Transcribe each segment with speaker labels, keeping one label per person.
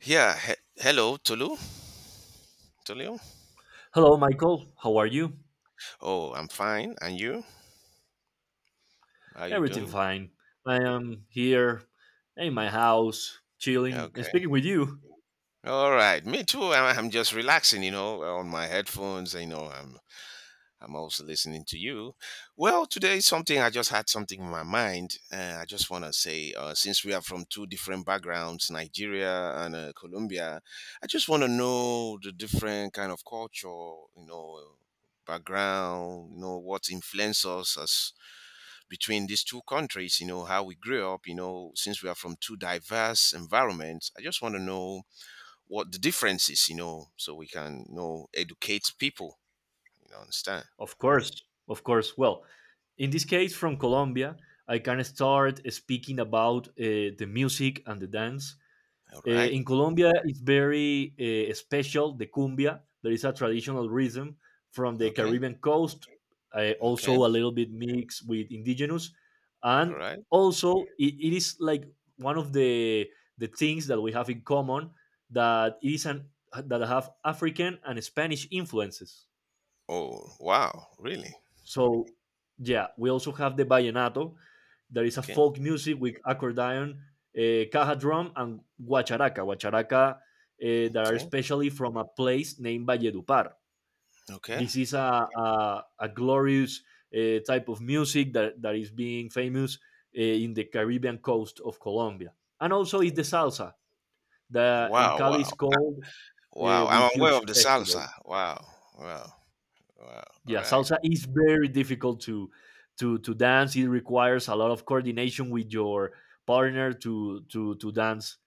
Speaker 1: Yeah. Hello, Tolu. Tolu.
Speaker 2: Hello, Michael. How are you?
Speaker 1: Oh, I'm fine. And you? How you
Speaker 2: Everything
Speaker 1: doing?
Speaker 2: fine. I am here in my house, chilling and
Speaker 1: Okay.
Speaker 2: speaking with you.
Speaker 1: All right. Me too. I'm just relaxing, you know, on my headphones. I'm also listening to you. Well, today is something. I just had something in my mind. I just want to say, since we are from two different backgrounds, Nigeria and Colombia, I just want to know the different kind of culture, you know, background, you know, what influences us between these two countries, you know, how we grew up, you know, since we are from two diverse environments. I just want to know what the difference is, you know, so we can you know educate people, you know, understand.
Speaker 2: Of course, of course. Well, in this case, from Colombia, I can start speaking about the music and the dance.
Speaker 1: All right.
Speaker 2: In Colombia, it's very special, the cumbia. There is a traditional rhythm from the
Speaker 1: Okay.
Speaker 2: Caribbean coast, also
Speaker 1: Okay.
Speaker 2: a little bit mixed with indigenous.
Speaker 1: All
Speaker 2: And
Speaker 1: right.
Speaker 2: also, it is like one of the things that we have in common, that it that have African and Spanish influences.
Speaker 1: Oh, wow. Really?
Speaker 2: So yeah, we also have the vallenato. There is a
Speaker 1: Okay.
Speaker 2: folk music with accordion, caja drum, and guacharaca. That are
Speaker 1: Okay.
Speaker 2: especially from a place named Valledupar.
Speaker 1: Okay.
Speaker 2: This is a glorious type of music that is being famous in the Caribbean coast of Colombia. And also is the salsa that in
Speaker 1: Wow.
Speaker 2: Cali is
Speaker 1: Wow.
Speaker 2: called
Speaker 1: Wow.
Speaker 2: with
Speaker 1: I'm aware
Speaker 2: huge
Speaker 1: of the
Speaker 2: festivals.
Speaker 1: salsa. Wow. Wow. Wow. All
Speaker 2: Yeah,
Speaker 1: right.
Speaker 2: salsa is very difficult to dance. It requires a lot of coordination with your partner to dance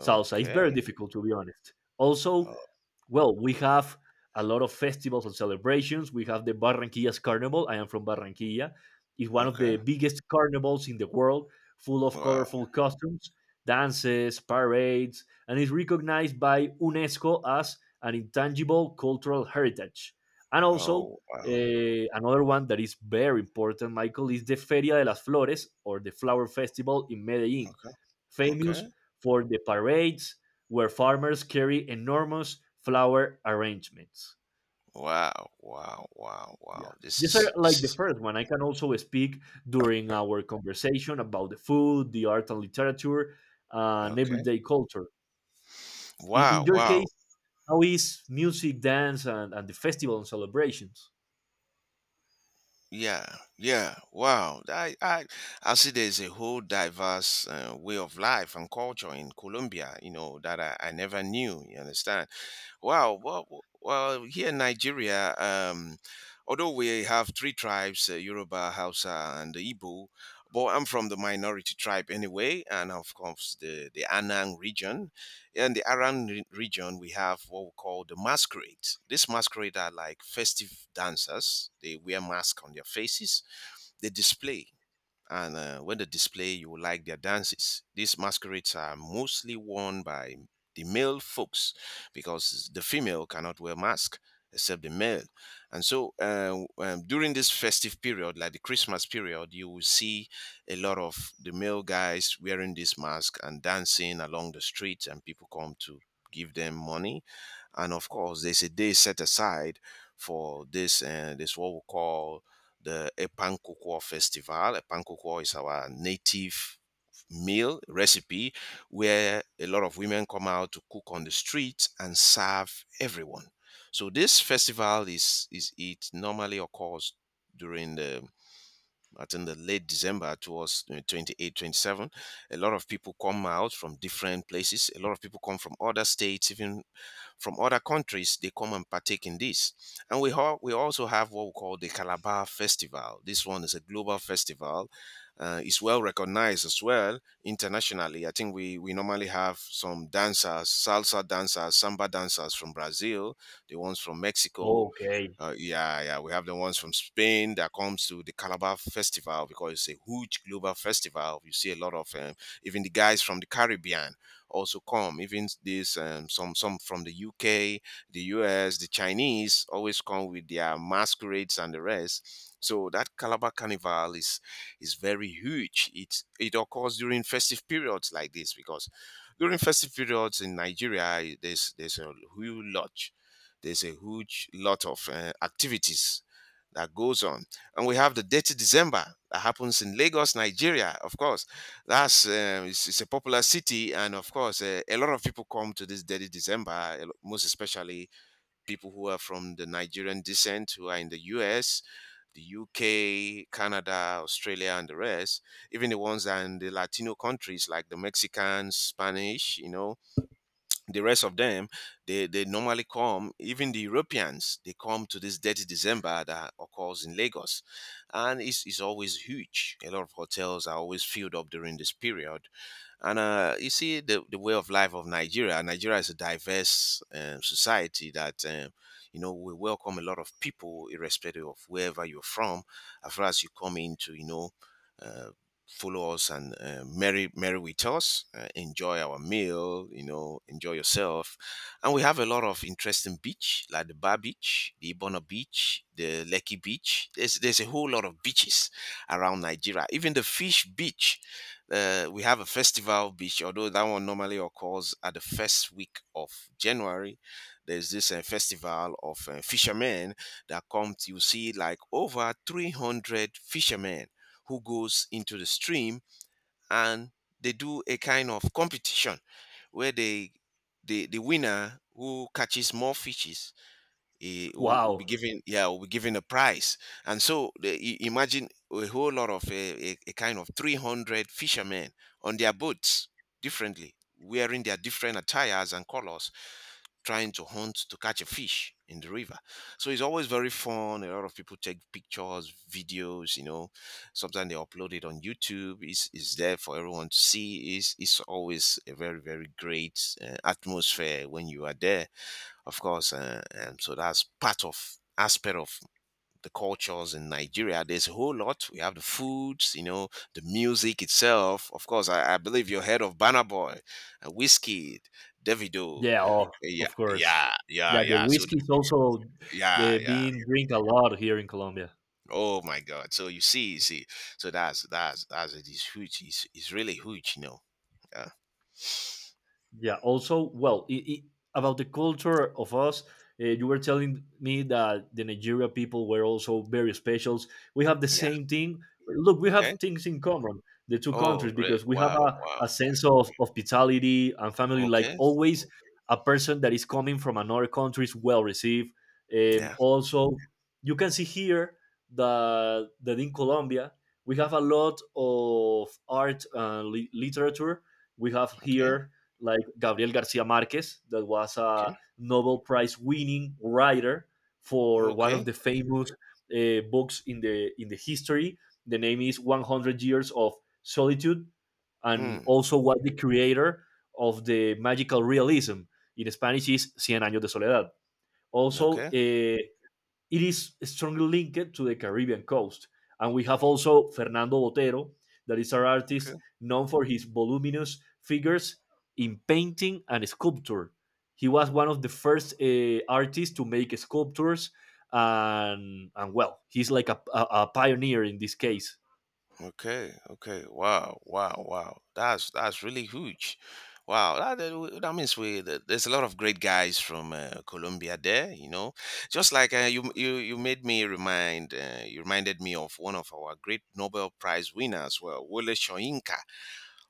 Speaker 2: salsa. It's very difficult to be honest. Also,
Speaker 1: Oh,
Speaker 2: well, we have a lot of festivals and celebrations. We have the Barranquillas Carnival. I am from Barranquilla. It's one of
Speaker 1: okay.
Speaker 2: the biggest carnivals in the world, full of
Speaker 1: Wow.
Speaker 2: colorful costumes, dances, parades, and is recognized by UNESCO as an intangible cultural heritage. And also,
Speaker 1: Oh, wow.
Speaker 2: another one that is very important, Michael, is the Feria de las Flores or the Flower Festival in Medellin,
Speaker 1: Okay.
Speaker 2: famous
Speaker 1: Okay.
Speaker 2: for the parades, where farmers carry enormous flower arrangements.
Speaker 1: Wow. Wow. Wow.
Speaker 2: Yeah.
Speaker 1: Wow.
Speaker 2: These are like the first one. I can also speak during our conversation about the food, the art and literature, and
Speaker 1: Okay.
Speaker 2: everyday culture. In,
Speaker 1: Wow.
Speaker 2: in your
Speaker 1: Wow.
Speaker 2: case, how is music, dance, and the festival and celebrations?
Speaker 1: Yeah. Yeah. Wow. I I see there's a whole diverse way of life and culture in Colombia. You know that I never knew. You understand? Wow. Well, here in Nigeria, although we have three tribes, Yoruba, Hausa, and the Igbo, but I'm from the minority tribe anyway, and of course the Anang region. In the Anang region, we have what we call the masquerades. These masquerades are like festive dancers. They wear masks on their faces. They display and when they display you like their dances. These masquerades are mostly worn by the male folks because the female cannot wear mask except the male. And so during this festive period, like the Christmas period, you will see a lot of the male guys wearing this mask and dancing along the streets, and people come to give them money. And of course, there's a day set aside for this what we call the Epang Cocoa Festival. Epang Cocoa is our native meal recipe where a lot of women come out to cook on the streets and serve everyone. So this festival is it normally occurs during the I think the late December towards 28, 27. A lot of people come out from different places. A lot of people come from other states, even from other countries. They come and partake in this. And we also have what we call the Calabar Festival. This one is a global festival. It's well recognized as well internationally. I think we normally have some dancers, salsa dancers, samba dancers from Brazil, the ones from Mexico,
Speaker 2: Okay.
Speaker 1: yeah, we have the ones from Spain that comes to the Calabar Festival because it's a huge global festival. You see a lot of even the guys from the Caribbean also come. Even this some from the UK, the US, the Chinese always come with their masquerades and the rest. So that Calabar Carnival is very huge. It occurs during festive periods like this because during festive periods in Nigeria, there's a huge lot of activities that goes on, and we have the Dirty December that happens in Lagos, Nigeria. Of course, it's a popular city, and of course, a lot of people come to this Dirty December, most especially people who are from the Nigerian descent who are in the U.S., the UK, Canada, Australia, and the rest, even the ones that are in the Latino countries like the Mexicans, Spanish, you know, the rest of them they normally come. Even the europeans, they come to this Dirty December that occurs in Lagos, and it's always huge. A lot of hotels are always filled up during this period, and you see the way of life of Nigeria. Nigeria is a diverse society that, you know, we welcome a lot of people, irrespective of wherever you're from, as far as you come in to, you know, uh, follow us and merry, merry with us, enjoy our meal, you know, enjoy yourself. And we have a lot of interesting beach, like the Bar Beach, the Ibona Beach, the Lekki Beach. There's a whole lot of beaches around Nigeria. Even the Fish Beach, we have a festival beach, although that one normally occurs at the first week of January. There's this festival of fishermen that come. To, you see, like over 300 fishermen who goes into the stream and they do a kind of competition where the winner who catches more fishes he will
Speaker 2: Wow.
Speaker 1: be given, yeah, will be given a prize. And so imagine a whole lot of a kind of 300 fishermen on their boats, differently wearing their different attires and colors, trying to hunt to catch a fish in the river. So it's always very fun. A lot of people take pictures, videos, you know, sometimes they upload it on YouTube. It's there for everyone to see. It's always a very, very great atmosphere when you are there, of course. And so that's part of aspect of the cultures in Nigeria. There's a whole lot. We have the foods, you know, the music itself. Of course, I believe you heard of Banner Boy, Whiskey, Davido.
Speaker 2: Yeah. Oh,
Speaker 1: Yeah,
Speaker 2: of course.
Speaker 1: yeah, yeah,
Speaker 2: Yeah. The
Speaker 1: yeah. So.
Speaker 2: whiskey is also
Speaker 1: Yeah,
Speaker 2: the,
Speaker 1: yeah.
Speaker 2: being drink a lot here in Colombia.
Speaker 1: Oh my God! So you see, you see. So that's it, is huge. It's really huge, you know. Yeah,
Speaker 2: Yeah. Also, well, I about the culture of us, you were telling me that the Nigeria people were also very specials. We have the
Speaker 1: yeah.
Speaker 2: same thing. Look, we
Speaker 1: Okay.
Speaker 2: have things in common, the two
Speaker 1: Oh,
Speaker 2: countries, because we have
Speaker 1: wow, wow.
Speaker 2: a sense of hospitality and family. Like
Speaker 1: Okay.
Speaker 2: always, a person that is coming from another country is well received.
Speaker 1: Yeah.
Speaker 2: Also, you can see here that in Colombia, we have a lot of art and li- literature we have
Speaker 1: Okay.
Speaker 2: here, like Gabriel Garcia Marquez, that was a
Speaker 1: Okay.
Speaker 2: Nobel Prize winning writer for one of
Speaker 1: Okay.
Speaker 2: the famous books in the history. The name is 100 Years of Solitude, and
Speaker 1: Hmm.
Speaker 2: also was the creator of the magical realism. In Spanish is Cien años de soledad. Also,
Speaker 1: Okay.
Speaker 2: it is strongly linked to the Caribbean coast. And we have also Fernando Botero, that is an
Speaker 1: Okay.
Speaker 2: artist known for his voluminous figures in painting and sculpture. He was one of the first artists to make sculptures, and well, he's like a pioneer in this case.
Speaker 1: Okay. Okay. Wow. Wow. Wow. That's really huge. Wow. That means we that there's a lot of great guys from Colombia there. You know, just like you made me remind, you reminded me of one of our great Nobel Prize winners, well, Wole Soyinka.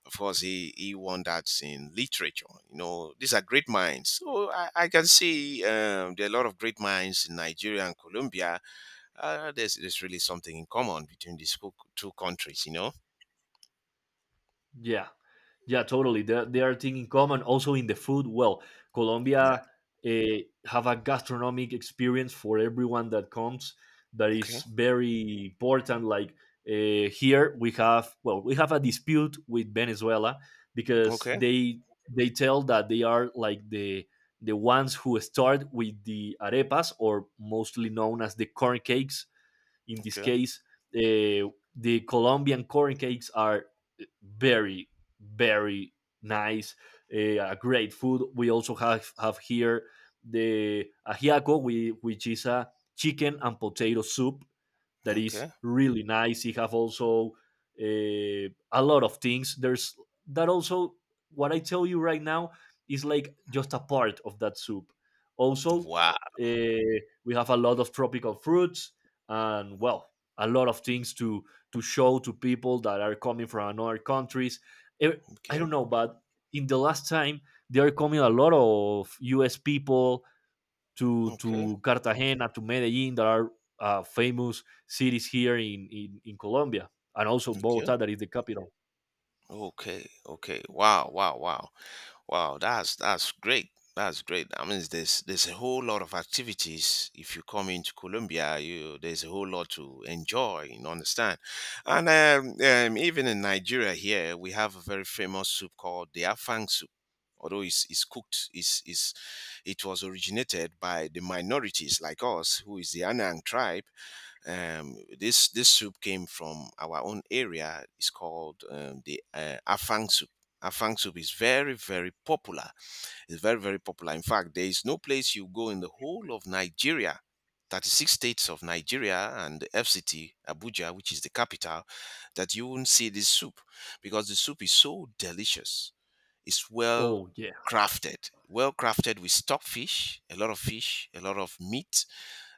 Speaker 1: Of course, he won that in literature. You know, these are great minds. So I can see there are a lot of great minds in Nigeria and Colombia. There's really something in common between these two countries, you know.
Speaker 2: Yeah. Yeah, totally. There are things in common. Also in the food, well,
Speaker 1: Yeah.
Speaker 2: Colombia have a gastronomic experience for everyone that comes, that is
Speaker 1: Okay.
Speaker 2: very important. Like here, we have, well, we have a dispute with Venezuela because
Speaker 1: Okay.
Speaker 2: they tell that they are like the ones who start with the arepas or mostly known as the corn cakes in this
Speaker 1: Okay.
Speaker 2: case, uh, the Colombian corn cakes are very, very nice, a great food. We also have here the ajiaco, which is a chicken and potato soup that is
Speaker 1: Okay.
Speaker 2: really nice. You have also a lot of things. There's that also what I tell you right now is like just a part of that soup. Also,
Speaker 1: Wow.
Speaker 2: uh, we have a lot of tropical fruits and, well, a lot of things to show to people that are coming from another countries. Eh, I
Speaker 1: Okay.
Speaker 2: don't know, but in the last time they are coming a lot of U.S. people to
Speaker 1: Okay.
Speaker 2: to Cartagena, to Medellin, that are famous cities here in Colombia, and also Bogota,
Speaker 1: Okay.
Speaker 2: that is the capital.
Speaker 1: Okay. Okay. Wow. Wow. Wow. Wow, that's great. That's great. I mean, there's a whole lot of activities. If you come into Colombia, you, there's a whole lot to enjoy and understand. And even in Nigeria here, we have a very famous soup called the Afang soup. Although it's cooked, it's, it was originated by the minorities like us, who is the Anang tribe. This soup came from our own area. It's called the afang soup. Afang soup is very, very popular. It's very, very popular. In fact, there is no place you go in the whole of Nigeria, 36 states of Nigeria and the FCT Abuja, which is the capital, that you won't see this soup, because the soup is so delicious. It's well
Speaker 2: Oh yeah,
Speaker 1: crafted, well crafted with stock fish, a lot of fish, a lot of meat,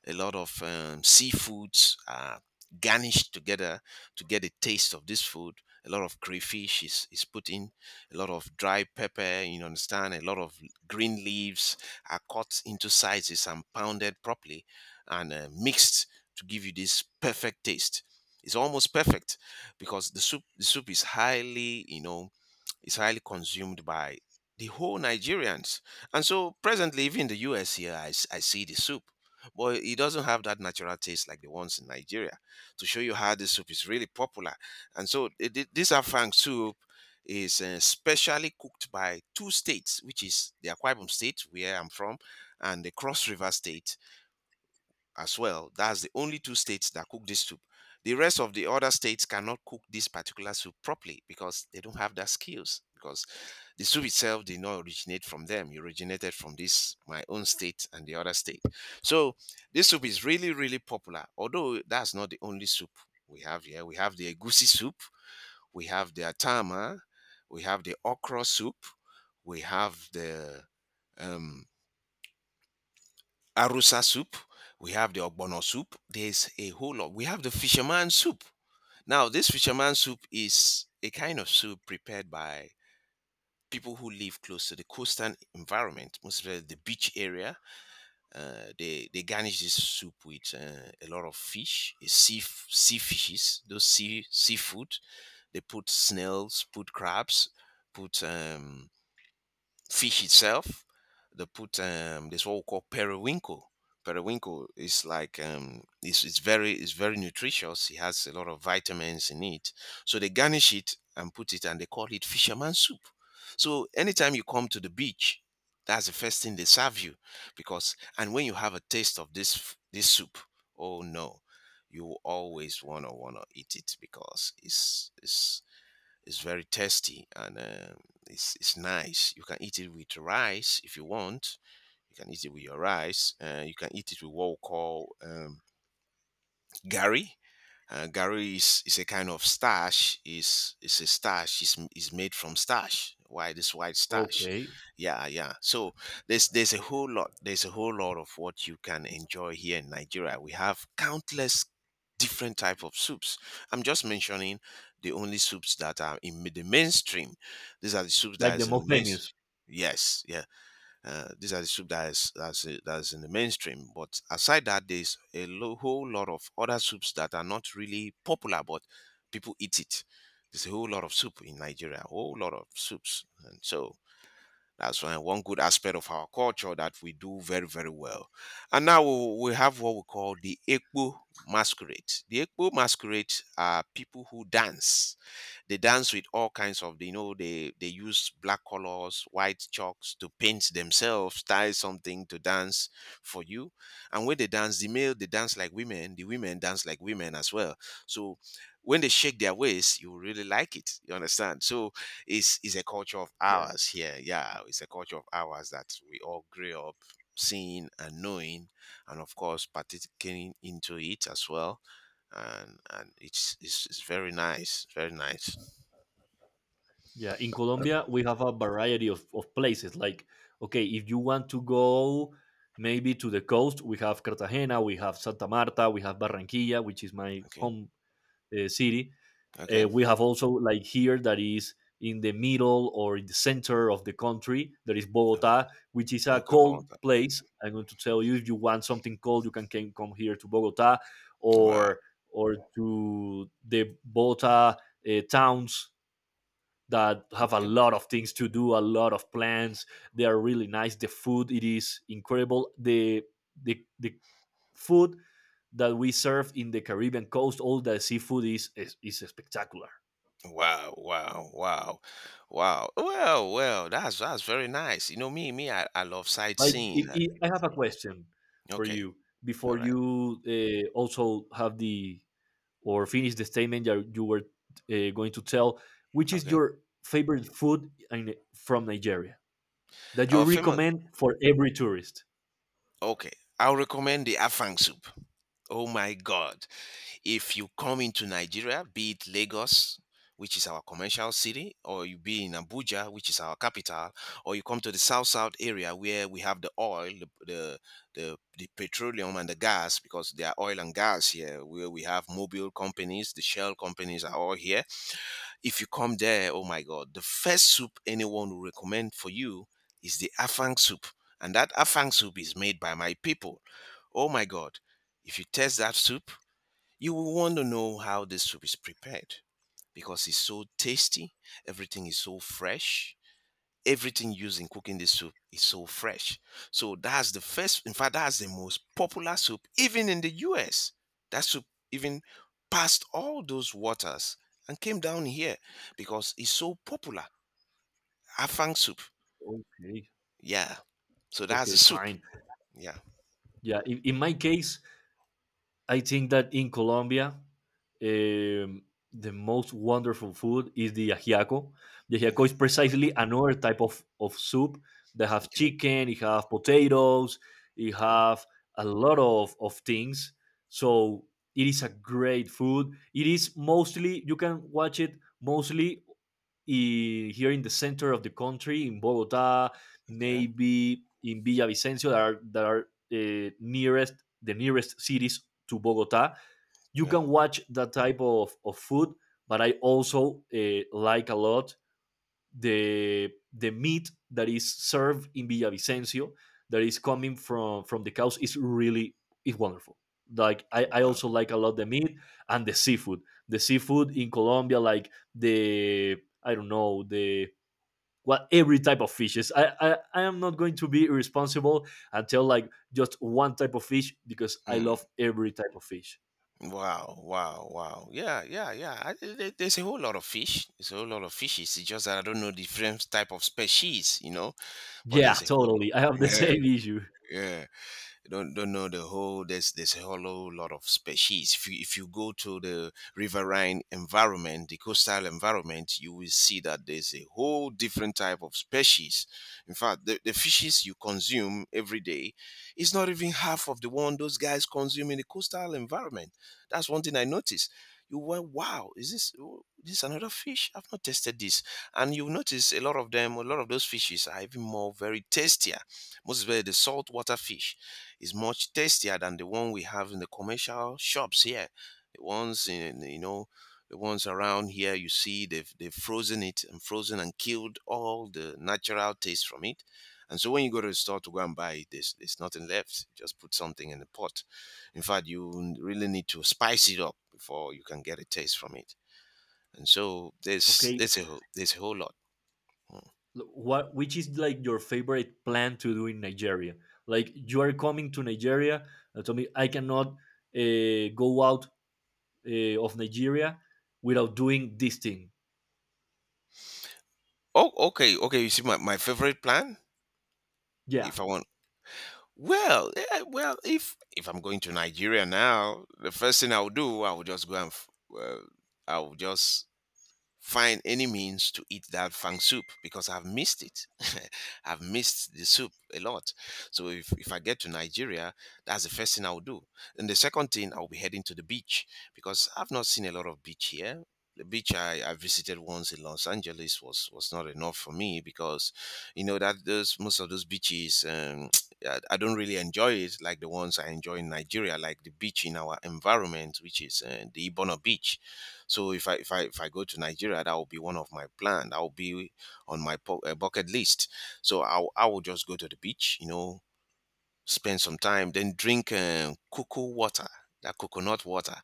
Speaker 1: a lot of seafoods are garnished together to get a taste of this food. A lot of crayfish is put in, a lot of dry pepper, you understand, a lot of green leaves are cut into sizes and pounded properly and mixed to give you this perfect taste. It's almost perfect because the soup is highly, you know, is highly consumed by the whole Nigerians. And so presently, even in the US here, I see the soup. But it doesn't have that natural taste like the ones in Nigeria. To show you how this soup is really popular. And so this afang soup is specially cooked by two states, which is the Akwa Ibom state where I'm from, and the Cross River state, as well. That's the only two states that cook this soup. The rest of the other states cannot cook this particular soup properly because they don't have that skills. Because the soup itself did not originate from them; it originated from this my own state and the other state. So this soup is really, really popular. Although that's not the only soup we have here. We have the egusi soup, we have the atama, we have the okra soup, we have the um, Arusa soup. We have the ogbono soup. There's a whole lot. We have the fisherman soup. Now, this fisherman soup is a kind of soup prepared by people who live close to the coastal environment, mostly the beach area. They garnish this soup with a lot of fish, eh, sea fishes, those seafood. They put snails, put crabs, put fish itself. They put this what we call periwinkle. Periwinkle is like it's very nutritious. It has a lot of vitamins in it. So they garnish it and put it, and they call it fisherman soup. So anytime you come to the beach, that's the first thing they serve you, because and when you have a taste of this soup, oh no, you will always wanna eat it because it's very tasty and it's nice. You can eat it with rice if you want. You can eat it with your rice. You can eat it with what we call Gary. Gary is a kind of starch. Is a starch. Is made from starch. Why this white starch?
Speaker 2: okay,
Speaker 1: Yeah, yeah. So there's a whole lot. There's a whole lot of what you can enjoy here in Nigeria. We have countless different type of soups. I'm just mentioning the only soups that are in the mainstream. These are the soups that
Speaker 2: like the
Speaker 1: is in the
Speaker 2: most
Speaker 1: main.
Speaker 2: famous.
Speaker 1: Yes, yeah. These are the soup that's in the mainstream. But aside that, there's a whole lot of other soups that are not really popular, but people eat it. There's a whole lot of soup in Nigeria, a whole lot of soups, and so that's one good aspect of our culture that we do very, very well. And now we have what we call the Ekpo masquerade. The Ekpo masquerade are people who dance they dance with all kinds of, you know, they use black colors, white chalks to paint themselves, tie something to dance for you. And when they dance, the male, they dance like women, the women dance like women as well. So when they shake their waist, you really like it, you understand. So it's a culture of
Speaker 2: Yeah,
Speaker 1: ours here, yeah. It's a culture of ours that we all grew up seeing and knowing, and of course participating into it as well. And it's very nice, very nice.
Speaker 2: yeah. In Colombia, we have a variety of places. Like okay, if you want to go maybe to the coast, we have Cartagena, we have Santa Marta, we have Barranquilla, which is my
Speaker 1: Okay,
Speaker 2: home city.
Speaker 1: okay,
Speaker 2: We have also like here that is in the middle or in the center of the country. There is Bogota,
Speaker 1: okay,
Speaker 2: which is a
Speaker 1: okay,
Speaker 2: cold
Speaker 1: Bonta.
Speaker 2: place. I'm going to tell you, if you want something cold, you can came, come here to Bogota
Speaker 1: Wow.
Speaker 2: or to the Bogota towns that have a
Speaker 1: Okay.
Speaker 2: lot of things to do, a lot of plans. They are really nice. The food it is incredible. The food that we serve in the Caribbean coast, all the seafood is spectacular.
Speaker 1: Wow. Wow. Wow. Wow. Well. Well. That's very nice. You know me. Me. I love
Speaker 2: Like,
Speaker 1: sightseeing.
Speaker 2: if I have a question for
Speaker 1: Okay.
Speaker 2: you
Speaker 1: All
Speaker 2: before
Speaker 1: right.
Speaker 2: you also have the or finish the statement that you were going to tell, which is
Speaker 1: Okay.
Speaker 2: your favorite food in, from Nigeria that you
Speaker 1: Our famous.
Speaker 2: recommend for every tourist?
Speaker 1: Okay. I'll recommend the afang soup. Oh my God. If you come into Nigeria, be it Lagos, which is our commercial city, or you be in Abuja, which is our capital, or you come to the south south area where we have the oil, the petroleum and the gas, because there are oil and gas here, where we have mobile companies, the shell companies are all here. If you come there, oh my God, the first soup anyone will recommend for you is the afang soup. And that afang soup is made by my people. Oh my God. If you taste that soup, you will want to know how this soup is prepared because it's so tasty. Everything is so fresh. Everything used in cooking this soup is so fresh. So that's the first, in fact, that's the most popular soup even in the US. That soup even passed all those waters and came down here because it's so popular. Afang soup.
Speaker 2: Okay,
Speaker 1: Yeah. So that's the
Speaker 2: okay,
Speaker 1: soup.
Speaker 2: fine.
Speaker 1: Yeah.
Speaker 2: Yeah, in my case, I think that in Colombia, um, the most wonderful food is the ajiaco. The ajiaco is
Speaker 1: Okay.
Speaker 2: precisely another type of soup that have
Speaker 1: Okay.
Speaker 2: chicken, it have potatoes, it
Speaker 1: Okay.
Speaker 2: have a lot of things. So it is a great food. It is mostly you can watch it mostly here in the center of the country, in Bogota,
Speaker 1: Okay.
Speaker 2: maybe in Villavicencio, that are uh, nearest nearest cities to Bogota. You
Speaker 1: Okay.
Speaker 2: can watch that type of food, but I also like a lot the meat that is served in Villavicencio that is coming from the cows is really is wonderful. Like I
Speaker 1: Wow.
Speaker 2: also like a lot the meat and the seafood. The seafood in Colombia, like the I don't know the what every type of fishes. I am not going to be irresponsible and tell like just one type of fish, because I
Speaker 1: Mm.
Speaker 2: love every type of fish.
Speaker 1: Wow, wow, wow. Yeah, yeah, yeah. There's a whole lot of fish. There's a whole lot of fishes. It's just that I don't know the different type of species, but
Speaker 2: Yeah,
Speaker 1: there's a whole lot.
Speaker 2: totally. I have the
Speaker 1: Yeah,
Speaker 2: same issue.
Speaker 1: yeah, don't know the whole. There's a whole lot of species. If you go to the riverine environment, the coastal environment, you will see that there's a whole different type of species. In fact, the fishes you consume every day is not even half of the one those guys consume in the coastal environment. That's one thing I noticed. You went, wow, is this, oh, this another fish? I've not tasted this. And you notice a lot of them, a lot of those fishes are even more very tastier, most especially the saltwater fish is much tastier than the one we have in the commercial shops here. The ones in, you know, the ones around here, you see, they've frozen it and frozen and killed all the natural taste from it. And so when you go to the store to go and buy it, there's nothing left. Just put something in the pot. In fact, you really need to spice it up before you can get a taste from it. And so
Speaker 2: Okay,
Speaker 1: there's a whole lot. Mm.
Speaker 2: what, which is like your favorite plan to do in Nigeria? Like, you are coming to Nigeria and tell me, I cannot go out of Nigeria without doing this thing.
Speaker 1: Oh, okay, okay. You see, my favorite plan,
Speaker 2: Yeah,
Speaker 1: if I want. Well, yeah, well, if I'm going to Nigeria now, the first thing I'll do, I'll just go and uh, I'll just find any means to eat that fang soup because I've missed it. I've missed the soup a lot. So if I get to Nigeria, that's the first thing I'll do. And the second thing, I'll be heading to the beach because I've not seen a lot of beach here. The beach I visited once in Los Angeles was not enough for me because, you know, that those most of those beaches, I don't really enjoy it. So if I go to Nigeria, that will be one of my plan. That will be on my bucket list. So I will just go to the beach, you know, spend some time, then drink cocoa water, that coconut water,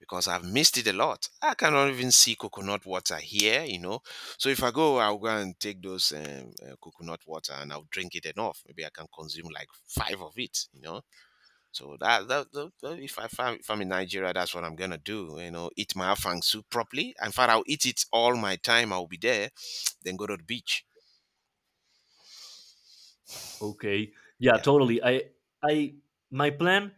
Speaker 1: because I've missed it a lot. I cannot even see coconut water here, you know. So if I go, I'll go and take those coconut water and I'll drink it enough. Maybe I can consume like five of it, you know. So if I'm in Nigeria, that's what I'm gonna do. You know, eat my afang soup properly. In fact, I'll eat it all my time. I'll be there, then go to the beach.
Speaker 2: okay, yeah,
Speaker 1: Yeah.
Speaker 2: totally. I my plan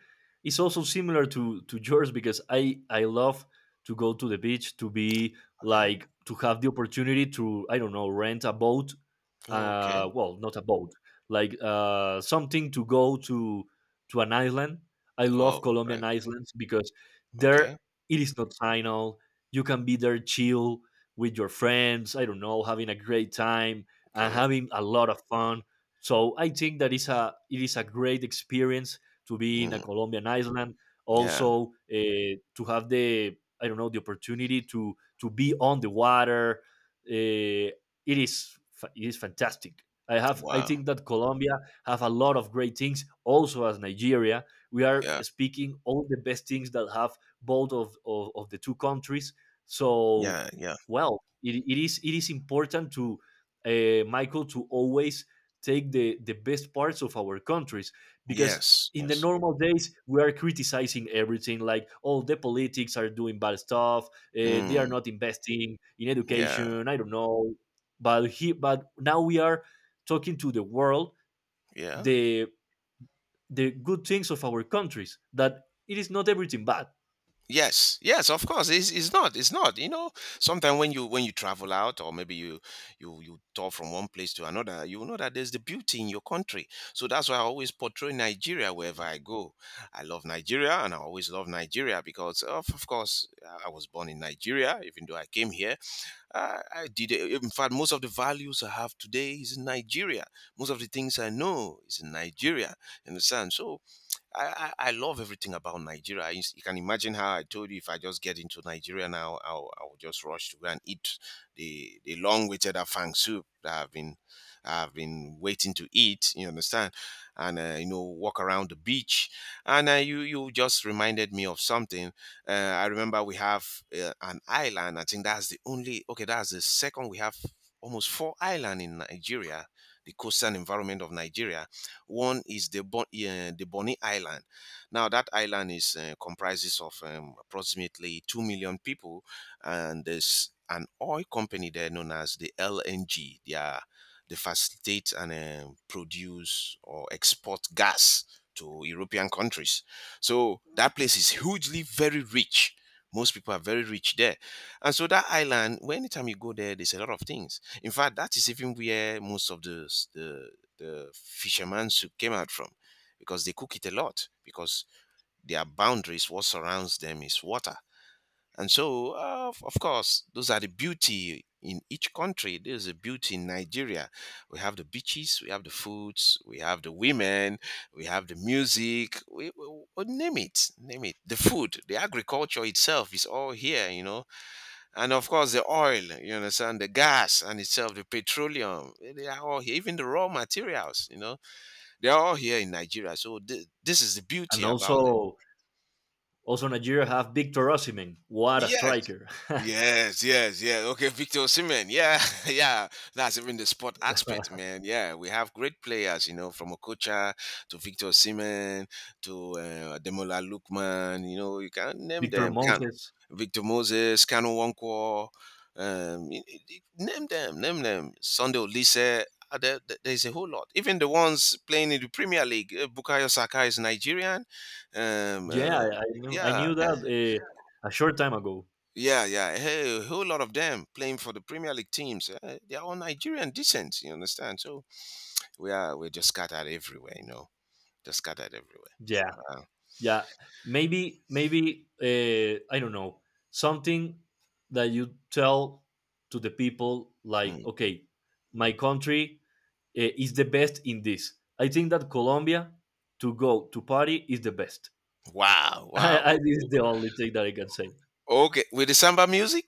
Speaker 2: is also similar to yours, because I love to go to the beach, to be
Speaker 1: Okay.
Speaker 2: like to have the opportunity to, I don't know, rent a boat.
Speaker 1: Oh, okay.
Speaker 2: Well, not a boat, like, uh, something to go to an island. I love
Speaker 1: Oh, right.
Speaker 2: Colombian islands, because
Speaker 1: Okay.
Speaker 2: there it is not final, you can be there, chill with your friends, I don't know, having a great time and
Speaker 1: Okay.
Speaker 2: having a lot of fun. So I think that is a, it is a great experience to be in a
Speaker 1: Mm,
Speaker 2: Colombian island.
Speaker 1: yeah.
Speaker 2: Also, to have the, I don't know, the opportunity to be on the water. uh, it is fantastic. I have, I
Speaker 1: Wow.
Speaker 2: think that Colombia have a lot of great things. Also as Nigeria, we are
Speaker 1: Yeah.
Speaker 2: speaking all the best things that have both of the two countries. So,
Speaker 1: Yeah. Yeah.
Speaker 2: well, it is, it is important to, Michael, to always take the best parts of our countries, because
Speaker 1: Yes.
Speaker 2: in the
Speaker 1: Yes.
Speaker 2: normal days we are criticizing everything, like, oh, the politics are doing bad stuff, they are
Speaker 1: Mm,
Speaker 2: not investing in
Speaker 1: yeah.
Speaker 2: education, I don't know, but he, but now we are talking to the world
Speaker 1: Yeah.
Speaker 2: the the good things of our countries, that it is not everything bad.
Speaker 1: Yes, yes, of course. It's not. It's not. You know, sometimes when you travel out, or maybe you tour from one place to another, you know that there's the beauty in your country. So that's why I always portray Nigeria wherever I go. I love Nigeria, and I always love Nigeria because, of course, I was born in Nigeria. Even though I came here, I did. In fact, most of the values I have today is in Nigeria. Most of the things I know is in Nigeria. You understand? So I love everything about Nigeria. You can imagine how I told you if I just get into Nigeria now, I'll just rush to go and eat the long-awaited afang soup that I've been waiting to eat. You understand? And walk around the beach. And you just reminded me of something. I remember we have an island. I think that's the only. Okay, that's the second. We have almost four island in Nigeria, the coastal environment of Nigeria. One is the Bonny Island. Now that island is comprises of approximately 2 million people, and there's an oil company there known as the LNG. They facilitate and produce or export gas to European countries. So that place is hugely very rich. Most people are very rich there. And so that island, when anytime you go there, there's a lot of things. In fact, that is even where most of the the fishermen who came out from, because they cook it a lot because their boundaries, what surrounds them is water. And so of course, those are the beauty in each country. There's a beauty in Nigeria. We have the beaches, we have the foods, we have the women, we have the music, name it, name it, the food, the agriculture itself is all here, you know. And of course the oil, you understand, the gas and itself, the petroleum, they are all here, even the raw materials, you know, they're all here in Nigeria. So this is the beauty
Speaker 2: And
Speaker 1: about it.
Speaker 2: also, also Nigeria have Victor Osimhen. What a
Speaker 1: Yeah.
Speaker 2: striker!
Speaker 1: Yes, yes, yeah. Okay, Victor Osimhen. Yeah, yeah. That's even the sport aspect, man. Yeah, we have great players, you know, from Okocha to Victor Osimhen to Demola Lookman. You know, you can name
Speaker 2: Victor
Speaker 1: them. Can
Speaker 2: Moses.
Speaker 1: Victor Moses, Kanu Wonkwo. Name them, name them. Sunday Olise. There's a whole lot. Even the ones playing in the Premier League. Bukayo Saka is Nigerian. Um,
Speaker 2: Yeah,
Speaker 1: uh,
Speaker 2: I knew, I
Speaker 1: yeah,
Speaker 2: knew that a short time ago.
Speaker 1: yeah, yeah. Hey, a whole lot of them playing for the Premier League teams. They are all Nigerian descent, you understand? So we're just scattered everywhere, you know. Just scattered everywhere.
Speaker 2: Yeah,
Speaker 1: Wow.
Speaker 2: yeah. Maybe, maybe, I don't know, something that you tell to the people, like,
Speaker 1: Mm.
Speaker 2: okay, my country is the best in this. I think that Colombia, to go to party is the best.
Speaker 1: Wow, wow.
Speaker 2: I, this is the only thing that I can say.
Speaker 1: Okay, with the samba music,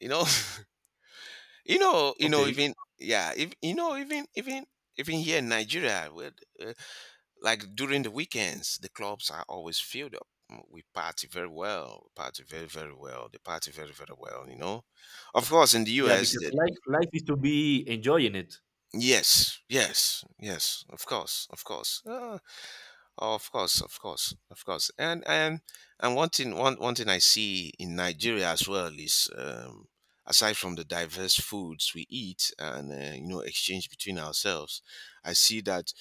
Speaker 1: you know. you know, you know
Speaker 2: Okay,
Speaker 1: even yeah, if you know even even here in Nigeria, where like during the weekends, the clubs are always filled up. Mm, we party very well. We party very, very well. They party very, very well, you know. Of course, in the
Speaker 2: yeah,
Speaker 1: US,
Speaker 2: because
Speaker 1: that
Speaker 2: life, life is to be enjoying it.
Speaker 1: yes, yes, yes, of course, of course, of course, of course, of course. And and one thing, one thing I see in Nigeria as well is, aside from the diverse foods we eat and you know exchange between ourselves, I see that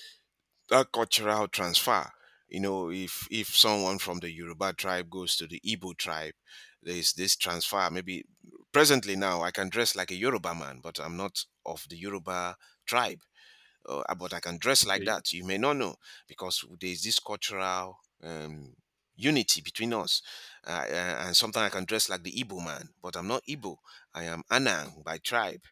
Speaker 1: a cultural transfer. You know, if someone from the Yoruba tribe goes to the Igbo tribe, there's this transfer. Maybe presently now I can dress like a Yoruba man, but I'm not of the Yoruba tribe. "Ah, but I can dress like
Speaker 2: Okay,
Speaker 1: that. You may not know because there's this cultural unity between us. And sometimes I can dress like the Igbo man, but I'm not Igbo. I am Anang by tribe.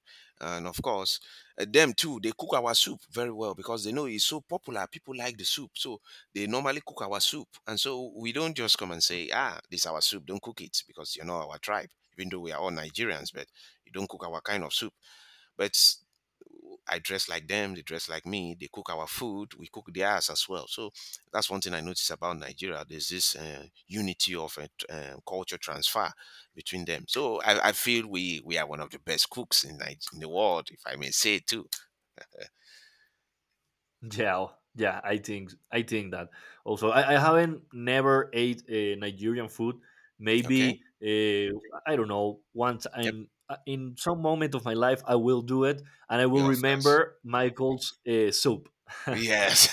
Speaker 1: And of course, them too, they cook our soup very well because they know it's so popular. People like the soup. So they normally cook our soup. And so we don't just come and say, ah, this is our soup, don't cook it because you're not our tribe. Even though we are all Nigerians, but you don't cook our kind of soup. But I dress like them, they dress like me, they cook our food, we cook theirs as well. So that's one thing I noticed about Nigeria. There's this unity of culture transfer between them. So I feel we are one of the best cooks in, in the world, if I may say it too.
Speaker 2: yeah, oh, yeah. I think, I think that also. I haven't never ate Nigerian food.
Speaker 1: Okay?
Speaker 2: Maybe I don't know, once,
Speaker 1: Yep.
Speaker 2: and in some moment of my life, I will do it, and I will
Speaker 1: Yeah, of course.
Speaker 2: remember Michael's soup.
Speaker 1: Yes,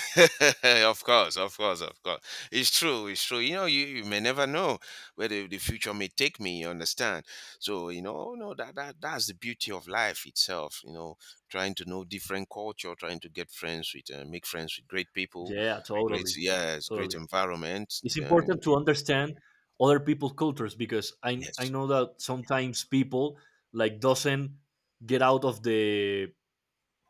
Speaker 1: of course, of course, of course. It's true, it's true. You know, you may never know where the future may take me, you understand? So, you know, oh, no, that's the beauty of life itself, you know, trying to know different culture, trying to get friends with, make friends with great people,
Speaker 2: Yeah,
Speaker 1: great,
Speaker 2: totally,
Speaker 1: yes, great
Speaker 2: totally.
Speaker 1: environment.
Speaker 2: It's
Speaker 1: Then,
Speaker 2: important to understand other people's cultures, because I
Speaker 1: yes.
Speaker 2: know that sometimes people, like, doesn't get out of the,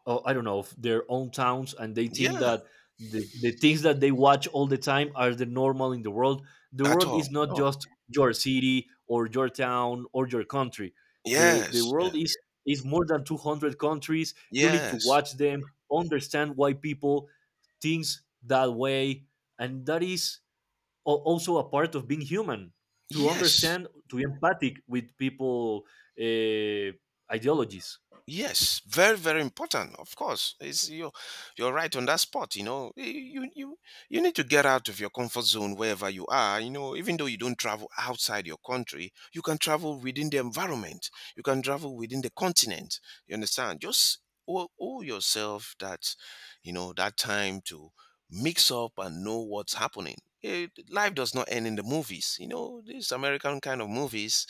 Speaker 2: oh, I don't know, of their own towns, and they think
Speaker 1: Yeah,
Speaker 2: that the things that they watch all the time are the normal in the world. The
Speaker 1: at
Speaker 2: world
Speaker 1: all.
Speaker 2: is not
Speaker 1: No.
Speaker 2: just your city or your town or your country. The
Speaker 1: Yes. Yeah.
Speaker 2: world is more than 200 countries. You need to
Speaker 1: Yes.
Speaker 2: watch them, understand why people thinks that way, and that is also a part of being human, to
Speaker 1: Yes.
Speaker 2: understand, to be empathic with people, uh, ideologies.
Speaker 1: Yes, very very important. Of course, it's you. You're right on that spot. You know, You you need to get out of your comfort zone wherever you are. You know, even though you don't travel outside your country, you can travel within the environment. You can travel within the continent. You understand? Just owe, owe yourself that, you know, that time to mix up and know what's happening. Eh, life does not end in the movies. You know, these American kind of movies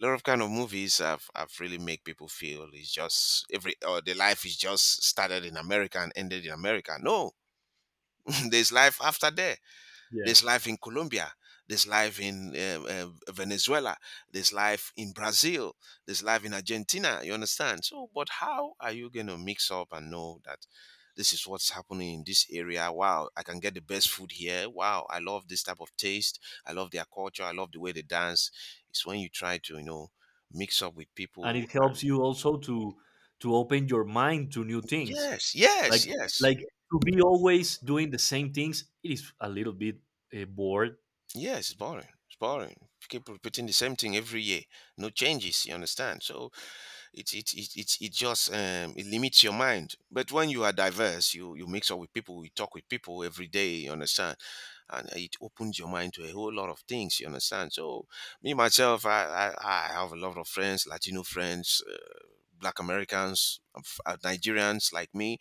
Speaker 1: a lot of kind of movies have really make people feel it's just every or the life is just started in America and ended in America. No, there's life after there.
Speaker 2: Yeah,
Speaker 1: There's life in Colombia. There's life in Venezuela. There's life in Brazil. There's life in Argentina. You understand? So, but how are you going to mix up and know that this is what's happening in this area? Wow, I can get the best food here. Wow, I love this type of taste. I love their culture. I love the way they dance. It's when you try to, you know, mix up with
Speaker 2: and
Speaker 1: people.
Speaker 2: it
Speaker 1: uh,
Speaker 2: helps you also to open your mind to new things,
Speaker 1: Yes, yes,
Speaker 2: like
Speaker 1: yes.
Speaker 2: like, to be always doing the same things it is a little bit bored.
Speaker 1: Yes, it's boring. It's boring. Keep repeating the same thing every year. No changes, you understand? So it just it limits your mind. But when you are diverse, you mix up with people, you talk with people every day. You understand, and it opens your mind to a whole lot of things. You understand. So me myself, I have a lot of friends, Latino friends, Black Americans, Nigerians like me,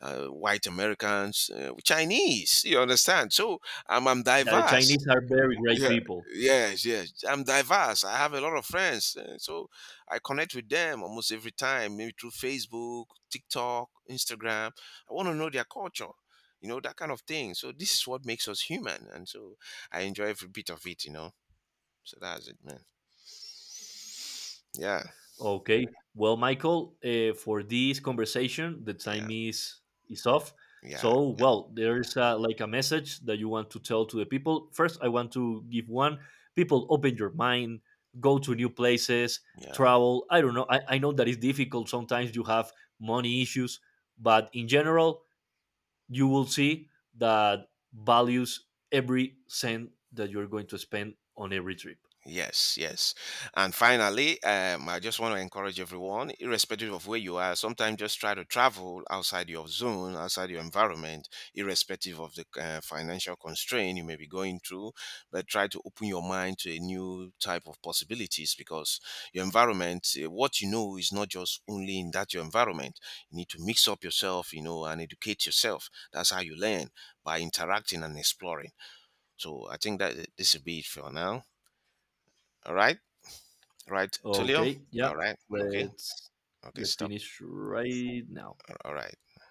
Speaker 1: White Americans, Chinese. You understand. So I'm
Speaker 2: That the
Speaker 1: diverse.
Speaker 2: Chinese are very great
Speaker 1: Yeah,
Speaker 2: people.
Speaker 1: yes, yes. I'm diverse. I have a lot of friends, eh, so I connect with them almost every time, maybe through Facebook, TikTok, Instagram. I want to know their culture, you know, that kind of thing. So this is what makes us human, and so I enjoy every bit of it, you know. So that's it, man. Yeah,
Speaker 2: Okay. Well, Michael, for this conversation, the
Speaker 1: yeah,
Speaker 2: time is off.
Speaker 1: yeah,
Speaker 2: So, well, there's like a message that you want to tell to the people. First, I want to give one: people, open your mind, go to new places,
Speaker 1: yeah.
Speaker 2: travel. I don't know. I know that it's difficult sometimes. You have money issues, but in general, you will see that values every cent that you're going to spend on every trip.
Speaker 1: Yes, yes. And finally, I just want to encourage everyone, irrespective of where you are, sometimes just try to travel outside your zone, outside your environment, irrespective of the financial constraint you may be going through, but try to open your mind to a new type of possibilities because your environment, what you know is not just only in that your environment. You need to mix up yourself, you know, and educate yourself. That's how you learn by interacting and exploring. So I think that this will be it for now. All right right, Tulio?
Speaker 2: Okay, yeah,
Speaker 1: All right. Okay.
Speaker 2: let's
Speaker 1: Okay.
Speaker 2: let's
Speaker 1: Stop.
Speaker 2: finish right now.
Speaker 1: All right.